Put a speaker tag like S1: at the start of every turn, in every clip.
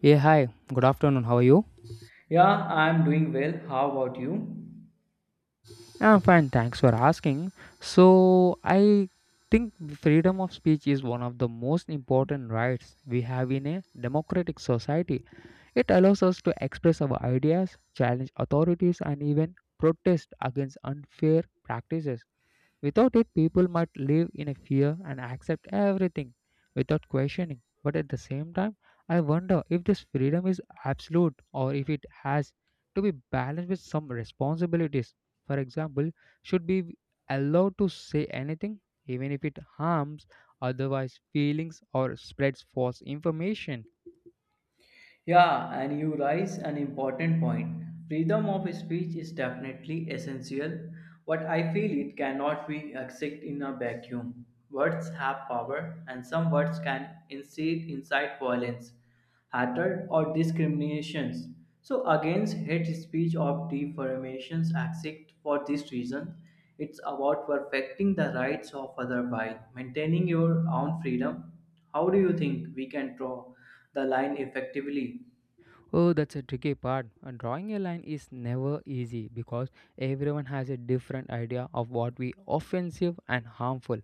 S1: Yeah, hi. Good afternoon. How are you?
S2: Yeah, I'm doing well. How about you?
S1: I'm fine, thanks for asking. So, I think freedom of speech is one of the most important rights we have in a democratic society. It allows us to express our ideas, challenge authorities, and even protest against unfair practices. Without it, people might live in a fear and accept everything without questioning. But at the same time, I wonder if this freedom is absolute or if it has to be balanced with some responsibilities. For example, should be allowed to say anything, even if it harms otherwise feelings or spreads false information.
S2: Yeah, and you raise an important point. Freedom of speech is definitely essential, but I feel it cannot be accepted in a vacuum. Words have power, and some words can incite violence, hatred, or discriminations. So, against hate speech or defamations, except for this reason, it's about perfecting the rights of other by maintaining your own freedom. How do you think we can draw the line effectively?
S1: Oh, that's a tricky part. Drawing a line is never easy because everyone has a different idea of what we offensive and harmful.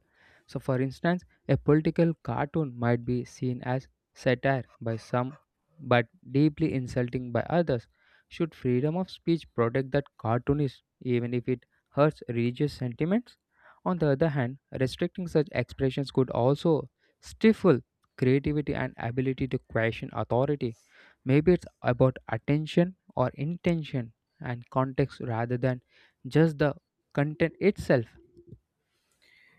S1: So, for instance, a political cartoon might be seen as satire by some but deeply insulting by others. Should freedom of speech protect that cartoonist even if it hurts religious sentiments? On the other hand, restricting such expressions could also stifle creativity and ability to question authority. Maybe it's about attention or intention and context rather than just the content itself.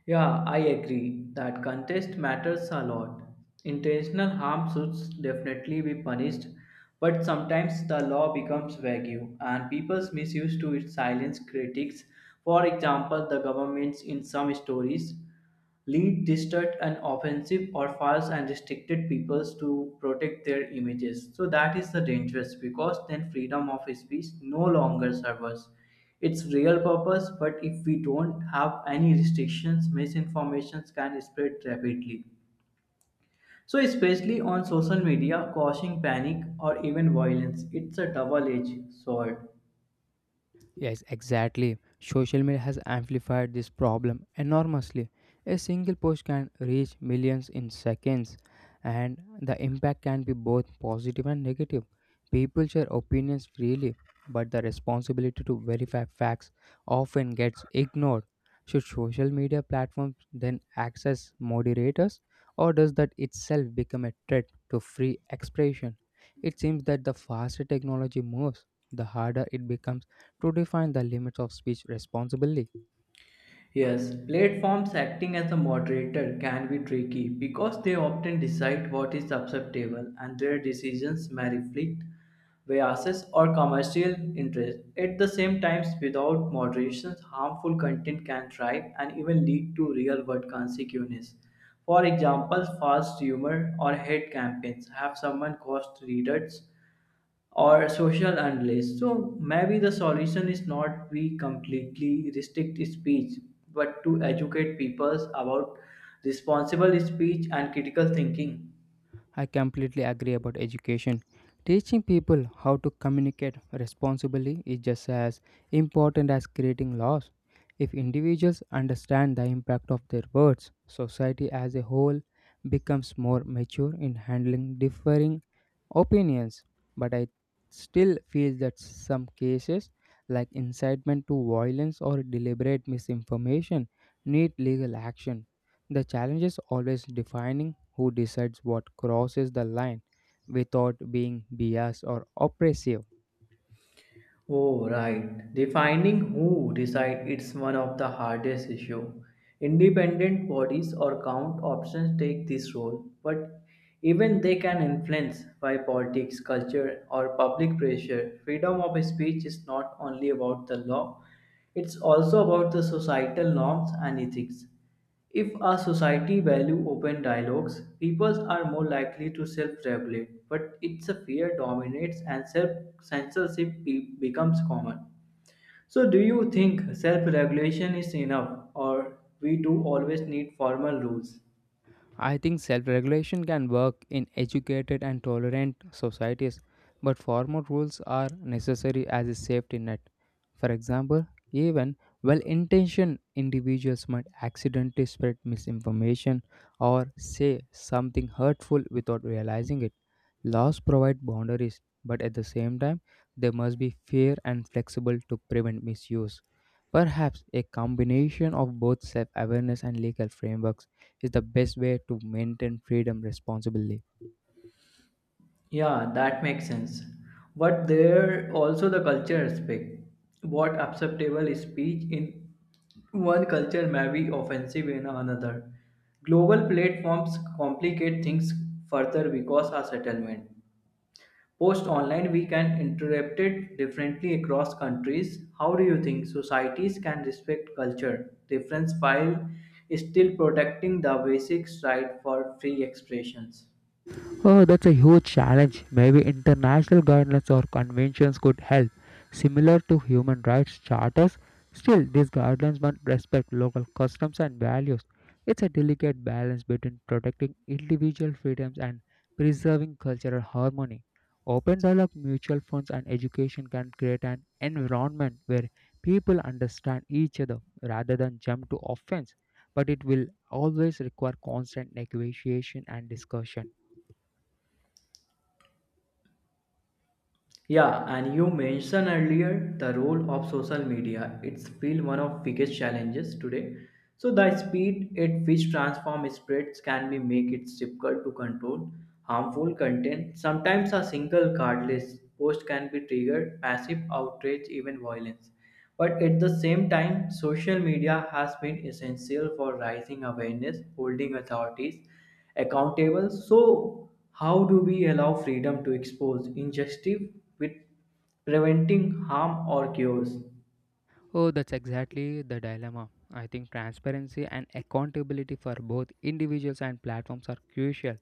S2: Yeah, I agree that contest matters a lot. Intentional harm should definitely be punished, but sometimes the law becomes vague and people's misuse to it silence critics. For example, the governments in some stories. Lead distant and offensive or false and restricted peoples to protect their images, so that is the dangerous because then freedom of speech no longer serves us its real purpose. But if we don't have any restrictions, misinformations can spread rapidly, so especially on social media causing panic or even violence. It's a double edged sword.
S1: Yes, exactly. Social media has amplified this problem enormously. A single post can reach millions in seconds, and the impact can be both positive and negative. People share opinions freely, but the responsibility to verify facts often gets ignored. Should social media platforms then access moderators, or does that itself become a threat to free expression? It seems that the faster technology moves, the harder it becomes to define the limits of speech responsibly.
S2: Yes, platforms acting as a moderator can be tricky because they often decide what is acceptable and their decisions may reflect biases or commercial interests. At the same time, without moderation, harmful content can thrive and even lead to real world consequences. For example, false humor or hate campaigns have someone cost readers or social unrest. So maybe the solution is not we completely restrict speech, but to educate people about responsible speech and critical thinking.
S1: I completely agree about education. Teaching people how to communicate responsibly is just as important as creating laws. If individuals understand the impact of their words, society as a whole becomes more mature in handling differing opinions. But I still feel that some cases, like incitement to violence or deliberate misinformation, need legal action. The challenge is always defining who decides what crosses the line without being biased or oppressive.
S2: Oh, right. Defining who decide it's one of the hardest issue. Independent bodies or count options take this role, but even they can influence by politics, culture, or public pressure. Freedom of speech is not only about the law; it's also about the societal norms and ethics. If a society value open dialogues, peoples are more likely to self-regulate, but it's a fear dominates and self-censorship becomes common. So do you think self-regulation is enough or we do always need formal rules?
S1: I think self regulation can work in educated and tolerant societies, but formal rules are necessary as a safety net. For example, even well intentioned individuals might accidentally spread misinformation or say something hurtful without realizing it. Laws provide boundaries, but at the same time, they must be fair and flexible to prevent misuse. Perhaps a combination of both self awareness and legal frameworks is the best way to maintain freedom responsibly.
S2: Yeah, that makes sense. But there also the culture aspect. What acceptable speech in one culture may be offensive in another. Global platforms complicate things further because of settlement. Post online, we can interpret it differently across countries. How do you think societies can respect culture difference while still protecting the basic right for free expressions?
S1: Oh, that's a huge challenge. Maybe international guidelines or conventions could help, similar to human rights charters. Still, these guidelines must respect local customs and values. It's a delicate balance between protecting individual freedoms and preserving cultural harmony. Open dialogue, mutual funds, and education can create an environment where people understand each other rather than jump to offense, but it will always require constant negotiation and discussion.
S2: Yeah, and you mentioned earlier the role of social media. It's still one of biggest challenges today. So the speed at which transform spreads can be make it difficult to control harmful content. Sometimes a single cardless post can be triggered passive outrage, even violence. But at the same time, social media has been essential for raising awareness, holding authorities accountable. So, how do we allow freedom to expose injustice with preventing harm or chaos?
S1: Oh, that's exactly the dilemma. I think transparency and accountability for both individuals and platforms are crucial.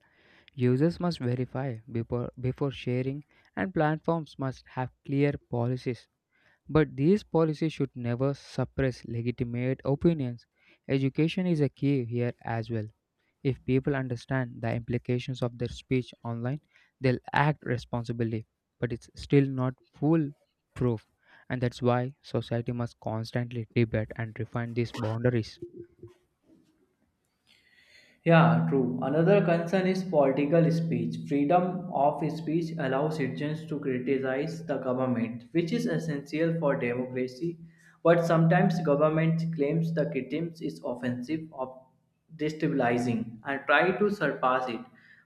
S1: Users must verify before sharing, and platforms must have clear policies. But these policies should never suppress legitimate opinions. Education is a key here as well. If people understand the implications of their speech online, they'll act responsibly. But it's still not foolproof, and that's why society must constantly debate and refine these boundaries.
S2: Yeah, true. Another concern is political speech. Freedom of speech allows citizens to criticize the government, which is essential for democracy. But sometimes government claims the criticism is offensive or destabilizing and try to surpass it.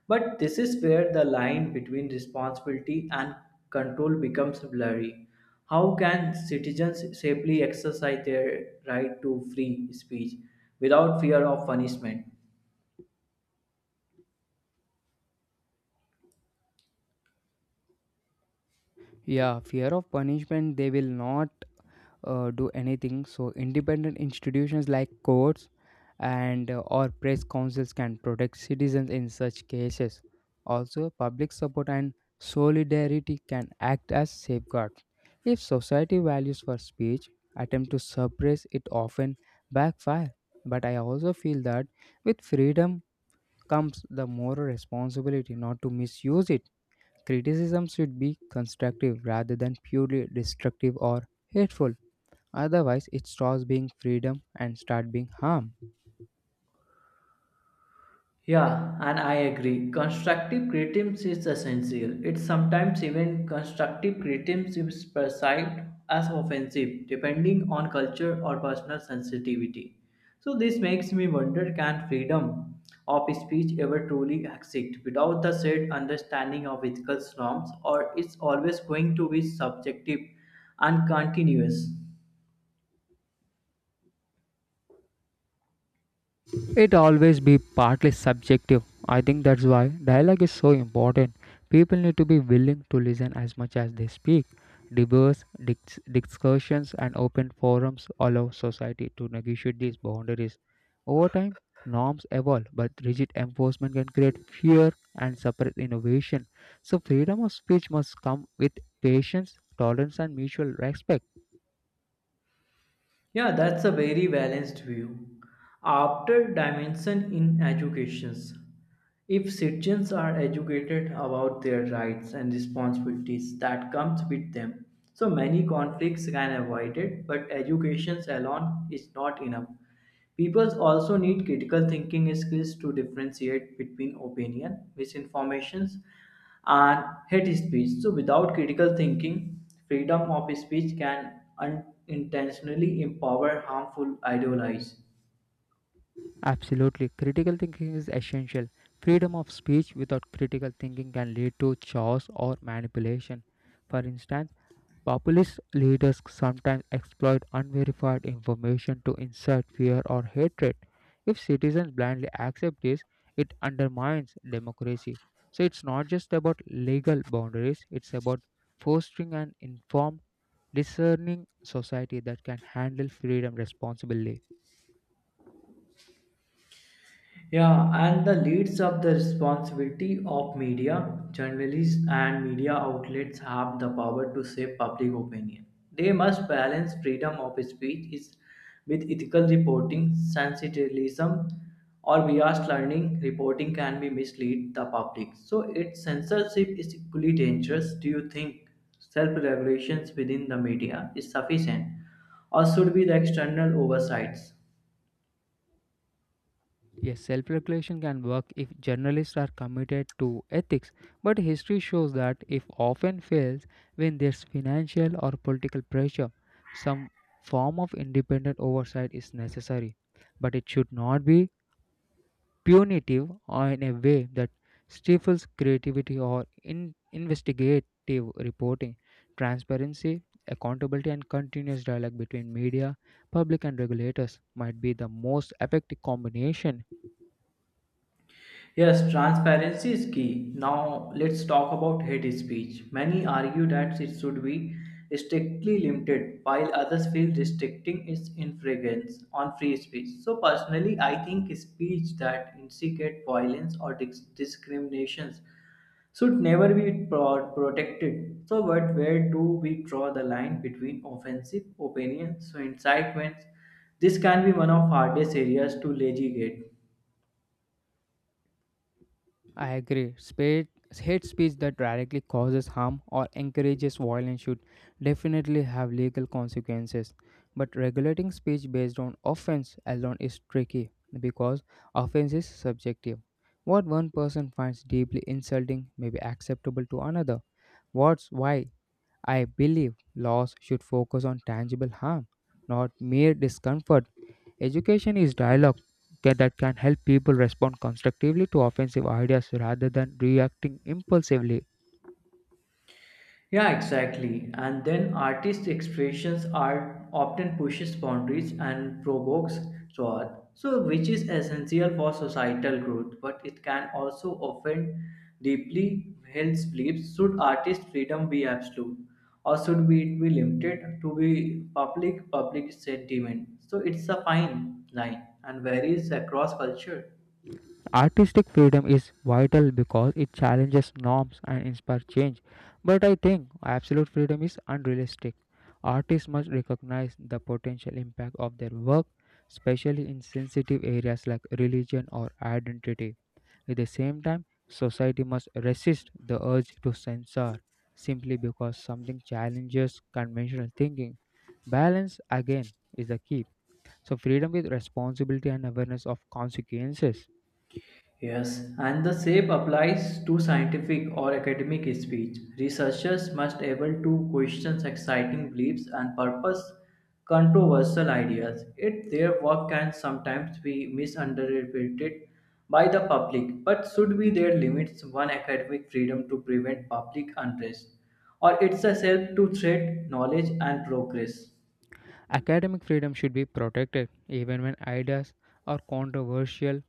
S2: But this is where the line between responsibility and control becomes blurry. How can citizens safely exercise their right to free speech without fear of punishment?
S1: Yeah, fear of punishment, they will not do anything. So independent institutions like courts and or press councils can protect citizens in such cases. Also, public support and solidarity can act as safeguards. If society values for speech attempt to suppress it often backfire. But I also feel that with freedom comes the moral responsibility not to misuse it. Criticism should be constructive rather than purely destructive or hateful. Otherwise, it stops being freedom and start being harm.
S2: Yeah, and I agree. Constructive criticism is essential. It's sometimes even constructive criticism is perceived as offensive, depending on culture or personal sensitivity. So this makes me wonder: can freedom of speech ever truly exist without the shared understanding of ethical norms, or it's always going to be subjective and continuous?
S1: It always be partly subjective. I think that's why dialogue is so important. People need to be willing to listen as much as they speak. Debates, discussions, and open forums allow society to negotiate these boundaries. Over time, norms evolve, but rigid enforcement can create fear and suppress innovation. So, freedom of speech must come with patience, tolerance, and mutual respect.
S2: Yeah, that's a very balanced view. After dimension in educations, if citizens are educated about their rights and responsibilities that comes with them, so many conflicts can avoided, but education alone is not enough. People also need critical thinking skills to differentiate between opinion, misinformations, and hate speech. So, without critical thinking, freedom of speech can unintentionally empower harmful ideologies.
S1: Absolutely. Critical thinking is essential. Freedom of speech without critical thinking can lead to chaos or manipulation. For instance, populist leaders sometimes exploit unverified information to insert fear or hatred. If citizens blindly accept this, it undermines democracy. So it's not just about legal boundaries, it's about fostering an informed discerning society that can handle freedom responsibly.
S2: Yeah, and the leads of the responsibility of media, journalists, and media outlets have the power to shape public opinion. They must balance freedom of speech with ethical reporting, sensationalism, or biased learning. Reporting can be mislead the public, so its censorship is equally dangerous. Do you think self-regulations within the media is sufficient, or should be the external oversights?
S1: Yes, self regulation can work if journalists are committed to ethics, but history shows that if often fails when there's financial or political pressure, some form of independent oversight is necessary, but it should not be punitive or in a way that stifles creativity or in investigative reporting. Transparency, accountability, and continuous dialogue between media, public, and regulators might be the most effective combination.
S2: Yes, transparency is key. Now, let's talk about hate speech. Many argue that it should be strictly limited, while others feel restricting its infringements on free speech. So, personally, I think speech that instigate violence or discriminations should never be protected. So, but where do we draw the line between offensive opinions, so incitements? This can be one of hardest areas to legislate.
S1: I agree. Hate speech that directly causes harm or encourages violence should definitely have legal consequences. But regulating speech based on offense alone is tricky because offense is subjective. What one person finds deeply insulting may be acceptable to another. What's why I believe laws should focus on tangible harm, not mere discomfort. Education is dialogue that can help people respond constructively to offensive ideas rather than reacting impulsively.
S2: Yeah, exactly. And then artist expressions are often pushes boundaries and provokes thought, so which is essential for societal growth, but it can also offend deeply held beliefs. Should artist freedom be absolute, or should be it be limited to be public sentiment? So it's a fine line and varies across culture.
S1: Artistic freedom is vital because it challenges norms and inspires change. But I think absolute freedom is unrealistic. Artists must recognize the potential impact of their work, especially in sensitive areas like religion or identity. At the same time, society must resist the urge to censor simply because something challenges conventional thinking. Balance, again, is the key. So, freedom with responsibility and awareness of consequences.
S2: Yes, and the same applies to scientific or academic speech. Researchers must able to question exciting beliefs and purpose controversial ideas. It their work can sometimes be misunderstood by the public, but should be there limits one academic freedom to prevent public unrest, or it's a self to threat knowledge and progress.
S1: Academic freedom should be protected even when ideas are controversial.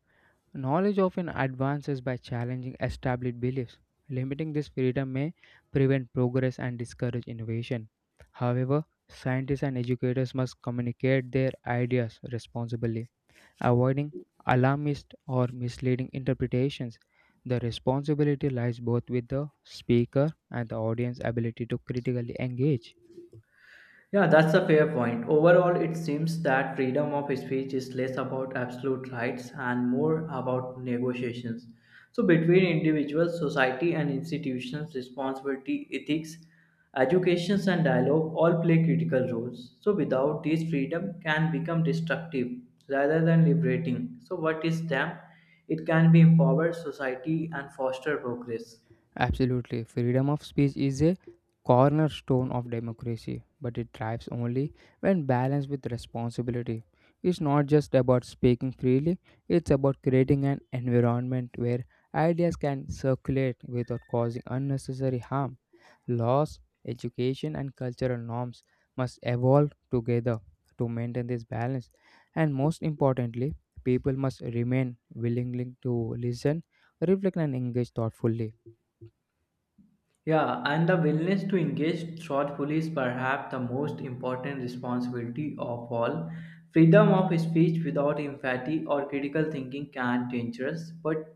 S1: Knowledge often advances by challenging established beliefs. Limiting this freedom may prevent progress and discourage innovation. However, scientists and educators must communicate their ideas responsibly, avoiding alarmist or misleading interpretations. The responsibility lies both with the speaker and the audience's ability to critically engage.
S2: Yeah, that's a fair point. Overall, it seems that freedom of speech is less about absolute rights and more about negotiations. So, between individuals, society, and institutions, responsibility, ethics, educations, and dialogue all play critical roles. So, without these, freedom can become destructive rather than liberating. So, what is them? It can be empower society and foster progress.
S1: Absolutely. Freedom of speech is a cornerstone of democracy, but it thrives only when balanced with responsibility. It's not just about speaking freely, it's about creating an environment where ideas can circulate without causing unnecessary harm. Laws, education, and cultural norms must evolve together to maintain this balance. And most importantly, people must remain willing to listen, reflect, and engage thoughtfully.
S2: Yeah, and the willingness to engage thoughtfully is perhaps the most important responsibility of all. Freedom of speech without empathy or critical thinking can be dangerous, but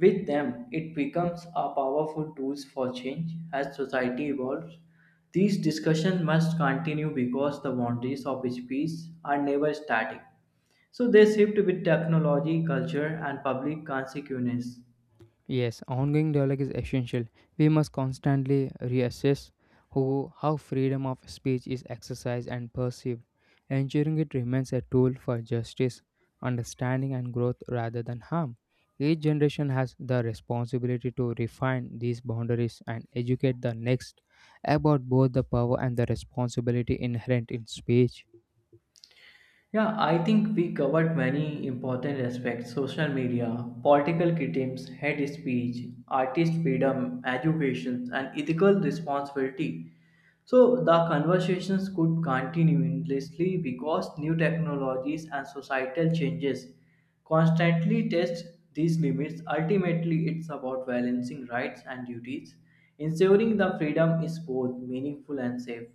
S2: with them it becomes a powerful tool for change as society evolves. These discussions must continue because the boundaries of speech are never static. So they shift with technology, culture, and public consequences.
S1: Yes, ongoing dialogue is essential. We must constantly reassess who, how freedom of speech is exercised and perceived, ensuring it remains a tool for justice, understanding, and growth rather than harm. Each generation has the responsibility to refine these boundaries and educate the next about both the power and the responsibility inherent in speech.
S2: Yeah, I think we covered many important aspects social media, political criticisms, hate speech, artist freedom, education, and ethical responsibility. So, the conversations could continue endlessly because new technologies and societal changes constantly test these limits. Ultimately, it's about balancing rights and duties, ensuring the freedom is both meaningful and safe.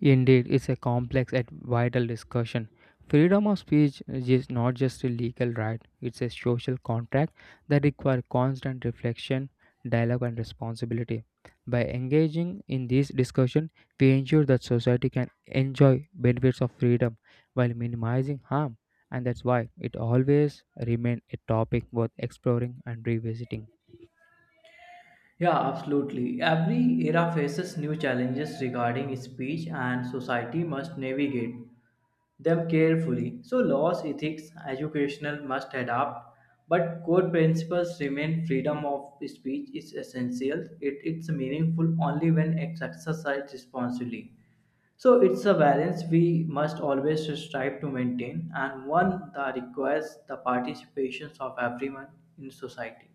S1: Indeed, it's a complex and vital discussion. Freedom of speech is not just a legal right, it's a social contract that requires constant reflection, dialogue, and responsibility. By engaging in this discussion, we ensure that society can enjoy benefits of freedom while minimizing harm, and that's why it always remains a topic worth exploring and revisiting.
S2: Yeah, absolutely. Every era faces new challenges regarding speech, and society must navigate them carefully. So, laws, ethics, educational must adapt, but core principles remain freedom of speech is essential. It's meaningful only when it's exercised responsibly. So, it's a balance we must always strive to maintain, and one that requires the participation of everyone in society.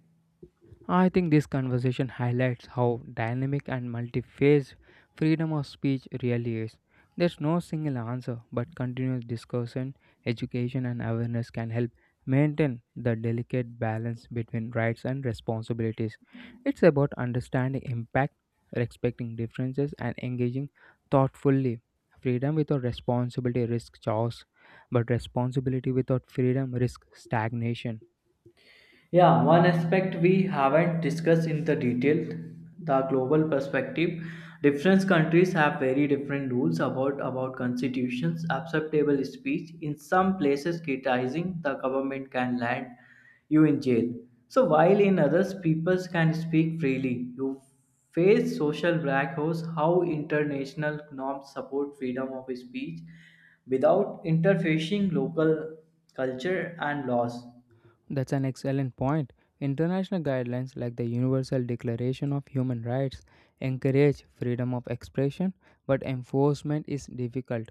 S1: I think this conversation highlights how dynamic and multi-phased freedom of speech really is. There's no single answer, but continuous discussion, education, and awareness can help maintain the delicate balance between rights and responsibilities. It's about understanding impact, respecting differences, and engaging thoughtfully. Freedom without responsibility risks chaos, but responsibility without freedom risks stagnation.
S2: Yeah, one aspect we haven't discussed in the detail, the global perspective. Different countries have very different rules about constitutions, acceptable speech. In some places, criticizing the government can land you in jail. So while in others, people can speak freely. You face social black holes, how international norms support freedom of speech without interfacing local culture and laws.
S1: That's an excellent point. International guidelines like the Universal Declaration of Human Rights encourage freedom of expression, but enforcement is difficult.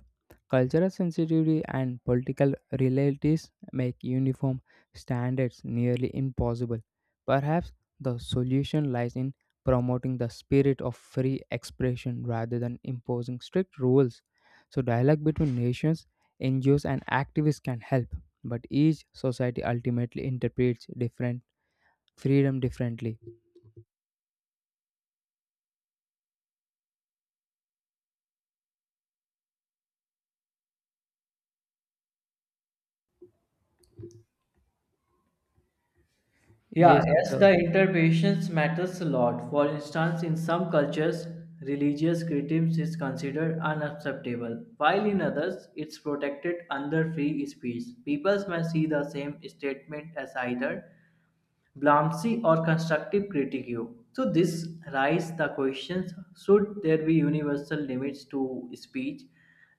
S1: Cultural sensitivity and political realities make uniform standards nearly impossible. Perhaps the solution lies in promoting the spirit of free expression rather than imposing strict rules. So, dialogue between nations, NGOs, and activists can help but each society ultimately interprets different freedom differently.
S2: Yeah,
S1: Yes,
S2: yes,
S1: the,
S2: the interpretations matters a lot. For instance, in some cultures, religious criticism is considered unacceptable, while in others, it's protected under free speech. People may see the same statement as either blamsy or constructive critique. So this raises the questions: should there be universal limits to speech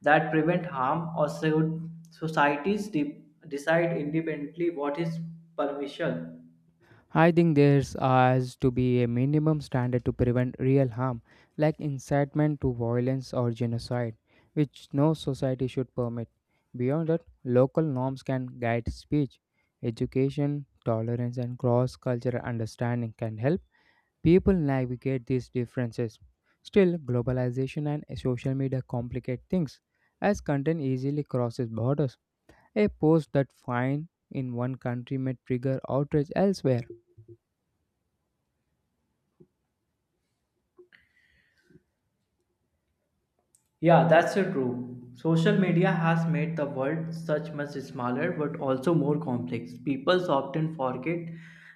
S2: that prevent harm, or should societies decide independently what is permission?
S1: I think there's has to be a minimum standard to prevent real harm, like incitement to violence or genocide, which no society should permit. Beyond that, local norms can guide speech, education, tolerance, and cross-cultural understanding can help people navigate these differences. Still, globalization and social media complicate things as content easily crosses borders. A post that fine in one country may trigger outrage elsewhere.
S2: Yeah, that's so true. Social media has made the world such much smaller but also more complex. People often forget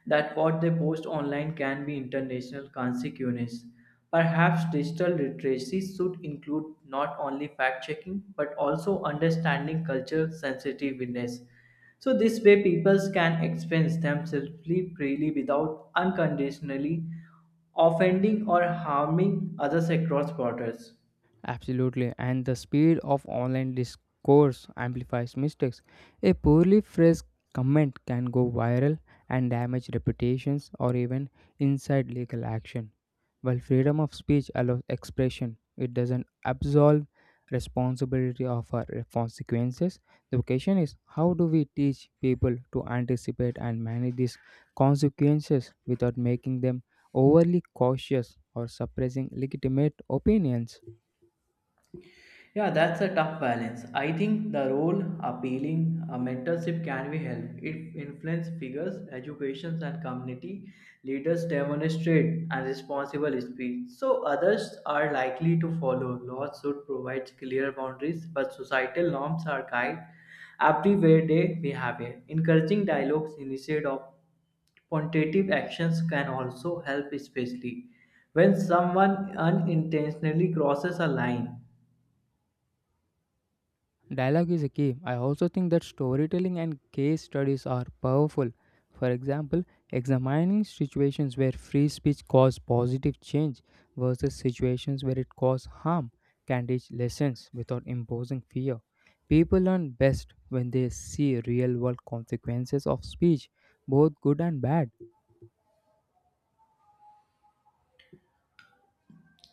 S2: that what they post online can be international consequences. Perhaps digital literacy should include not only fact checking but also understanding culture sensitiveness. So this way people can express themselves freely without unconditionally offending or harming others across borders.
S1: Absolutely, and the speed of online discourse amplifies mistakes. A poorly phrased comment can go viral and damage reputations or even incite legal action. While freedom of speech allows expression, it doesn't absolve responsibility of our consequences. The question is how do we teach people to anticipate and manage these consequences without making them overly cautious or suppressing legitimate opinions?
S2: Yeah, that's a tough balance. I think the role appealing a mentorship can be help. It influence figures, educations and community leaders demonstrate and responsible speech. So others are likely to follow. Laws should provide clear boundaries, but societal norms are guide everyday behavior. Encouraging dialogues instead of quantitative actions can also help, especially when someone unintentionally crosses a line.
S1: Dialogue is a key. I also think that storytelling and case studies are powerful. For example, examining situations where free speech caused positive change versus situations where it caused harm can teach lessons without imposing fear. People learn best when they see real world consequences of speech, both good and bad.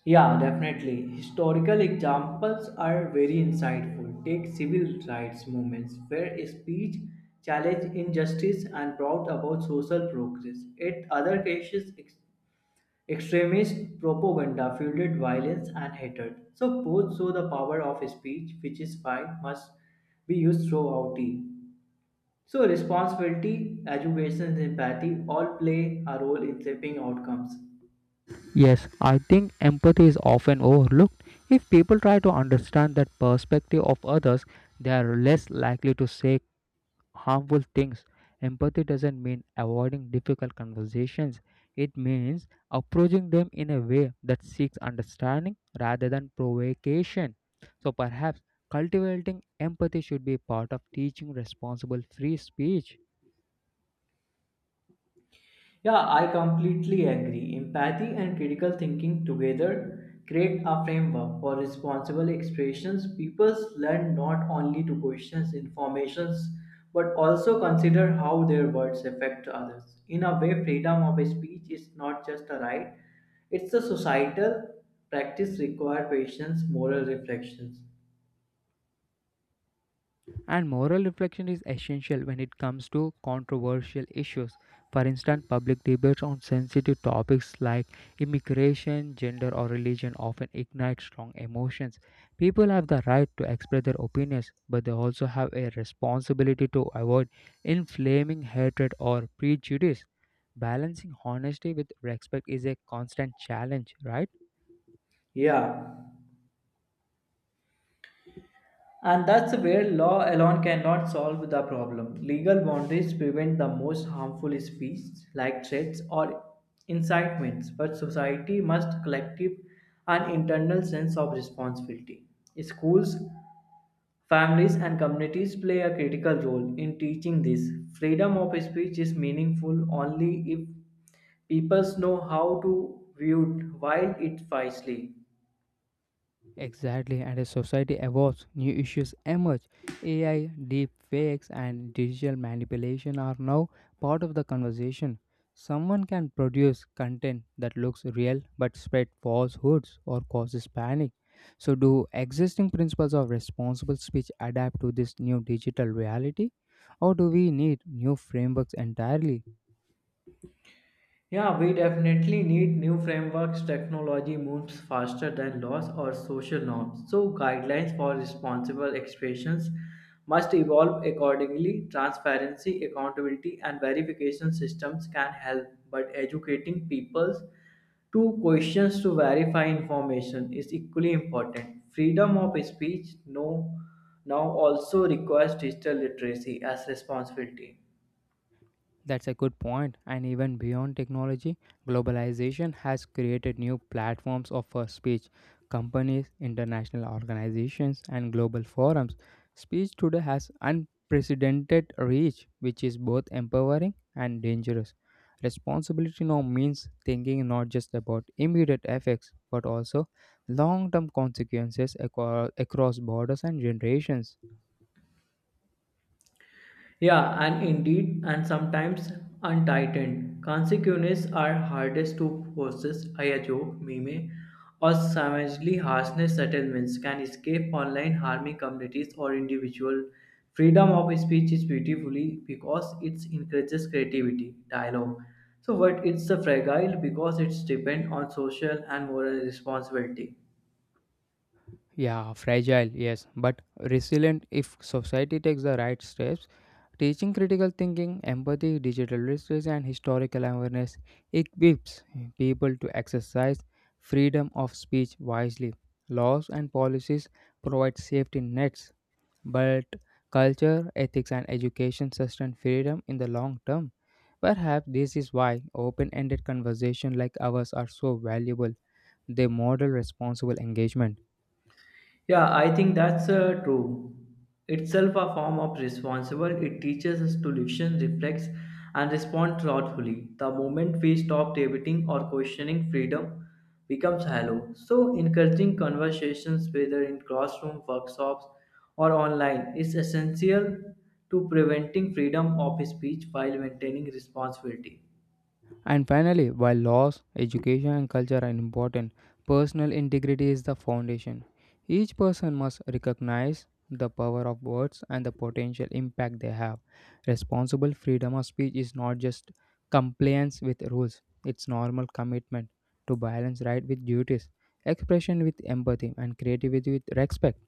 S2: Yeah, definitely. Historical examples are very insightful. Take civil rights movements where speech challenged injustice and brought about social progress. In other cases, extremist propaganda fueled violence and hatred. So both show the power of speech, which is why must be used throughout the. So responsibility, education, and empathy all play a role in shaping outcomes.
S1: Yes, I think empathy is often overlooked. If people try to understand that perspective of others, they are less likely to say harmful things. Empathy doesn't mean avoiding difficult conversations, it means approaching them in a way that seeks understanding rather than provocation. So perhaps cultivating empathy should be part of teaching responsible free speech.
S2: Yeah, I completely agree. Empathy and critical thinking together create a framework for responsible expressions. People learn not only to question informations but also consider how their words affect others. In a way, freedom of speech is not just a right, it's a societal practice require patience, moral reflections.
S1: And moral reflection is essential when it comes to controversial issues. For instance, public debates on sensitive topics like immigration, gender, or religion often ignite strong emotions. People have the right to express their opinions, but they also have a responsibility to avoid inflaming hatred or prejudice. Balancing honesty with respect is a constant challenge, right?
S2: Yeah. And that's where law alone cannot solve the problem. Legal boundaries prevent the most harmful speech, like threats or incitements, but society must collective an internal sense of responsibility. Schools, families, and communities play a critical role in teaching this. Freedom of speech is meaningful only if people know how to view it while it wisely.
S1: Exactly, and as society evolves, new issues emerge. AI, deep fakes, and digital manipulation are now part of the conversation. Someone can produce content that looks real but spread falsehoods or causes panic. So, do existing principles of responsible speech adapt to this new digital reality, or do we need new frameworks entirely?
S2: Yeah, we definitely need new frameworks. Technology moves faster than laws or social norms. So, guidelines for responsible expressions must evolve accordingly. Transparency, accountability, and verification systems can help, but educating peoples to questions to verify information is equally important. Freedom of speech no, now also requires digital literacy as responsibility.
S1: That's a good point. And even beyond technology, globalization has created new platforms of speech. Companies, international organizations, and global forums. Speech today has unprecedented reach, which is both empowering and dangerous. Responsibility now means thinking not just about immediate effects, but also long term consequences across borders and generations.
S2: Yeah, and indeed, and sometimes untightened. Consequences are hardest to process. I joke, meme, or savagely harshness settlements can escape online harming communities or individual. Freedom of speech is beautifully because it encourages creativity, dialogue. So, but it's a fragile because it's depend on social and moral responsibility.
S1: Yeah, fragile, yes, but resilient if society takes the right steps. Teaching critical thinking, empathy, digital literacy, and historical awareness equips people to exercise freedom of speech wisely. Laws and policies provide safety nets, but culture, ethics, and education sustain freedom in the long term. Perhaps this is why open ended conversations like ours are so valuable. They model responsible engagement.
S2: Yeah, I think that's true. Itself a form of responsible, it teaches us to listen, reflect, and respond thoughtfully. The moment we stop debating or questioning freedom becomes hollow. So, encouraging conversations, whether in classroom, workshops, or online, is essential to preventing freedom of speech while maintaining responsibility.
S1: And finally, while laws, education, and culture are important, personal integrity is the foundation. Each person must recognize the power of words and the potential impact they have. Responsible freedom of speech is not just compliance with rules, it's normal commitment to balance right with duties, expression with empathy, and creativity with respect.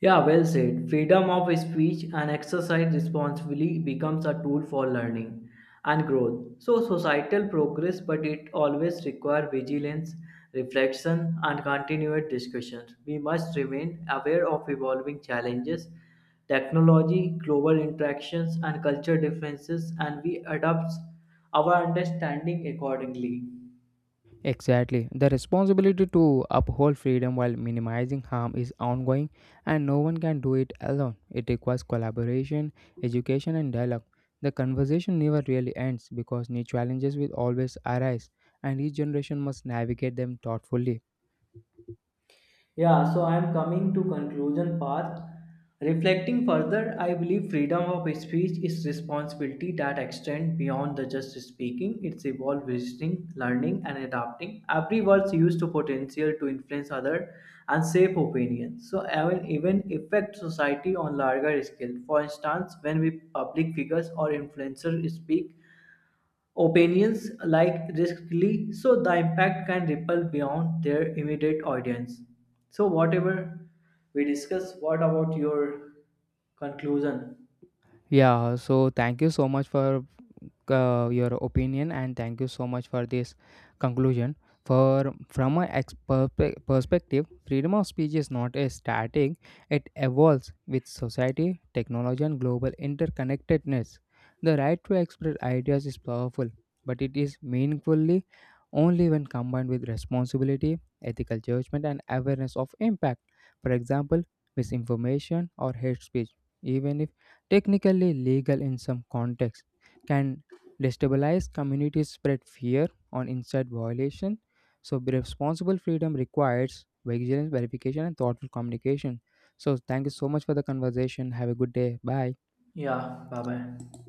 S2: Yeah, well said. Freedom of speech and exercise responsibly becomes a tool for learning and growth. So, societal progress, but it always requires vigilance, reflection, and continued discussions. We must remain aware of evolving challenges, technology, global interactions, and culture differences, and we adapt our understanding accordingly.
S1: Exactly. The responsibility to uphold freedom while minimizing harm is ongoing, and no one can do it alone. It requires collaboration, education, and dialogue. The conversation never really ends because new challenges will always arise, and each generation must navigate them thoughtfully.
S2: Yeah, so I am coming to conclusion path. Reflecting further, I believe freedom of speech is responsibility that extend beyond the just speaking. It's evolve visiting, learning, and adapting. Every word's used to potential to influence other and shape opinions. So even affect society on larger scale. For instance, when we public figures or influencers speak, opinions like riskily, so the impact can ripple beyond their immediate audience. So whatever we discuss, what about your conclusion?
S1: Yeah, so thank you so much for your opinion, and thank you so much for this conclusion. For from a perspective, freedom of speech is not a static. It evolves with society, technology, and global interconnectedness. The right to express ideas is powerful, but it is meaningfully only when combined with responsibility, ethical judgment, and awareness of impact. For example, misinformation or hate speech, even if technically legal in some contexts, can destabilized communities, spread fear on inside violation, so be responsible freedom requires vigilance, verification, and thoughtful communication. So, thank you so much for the conversation. Have a good day. Bye.
S2: Yeah, bye bye.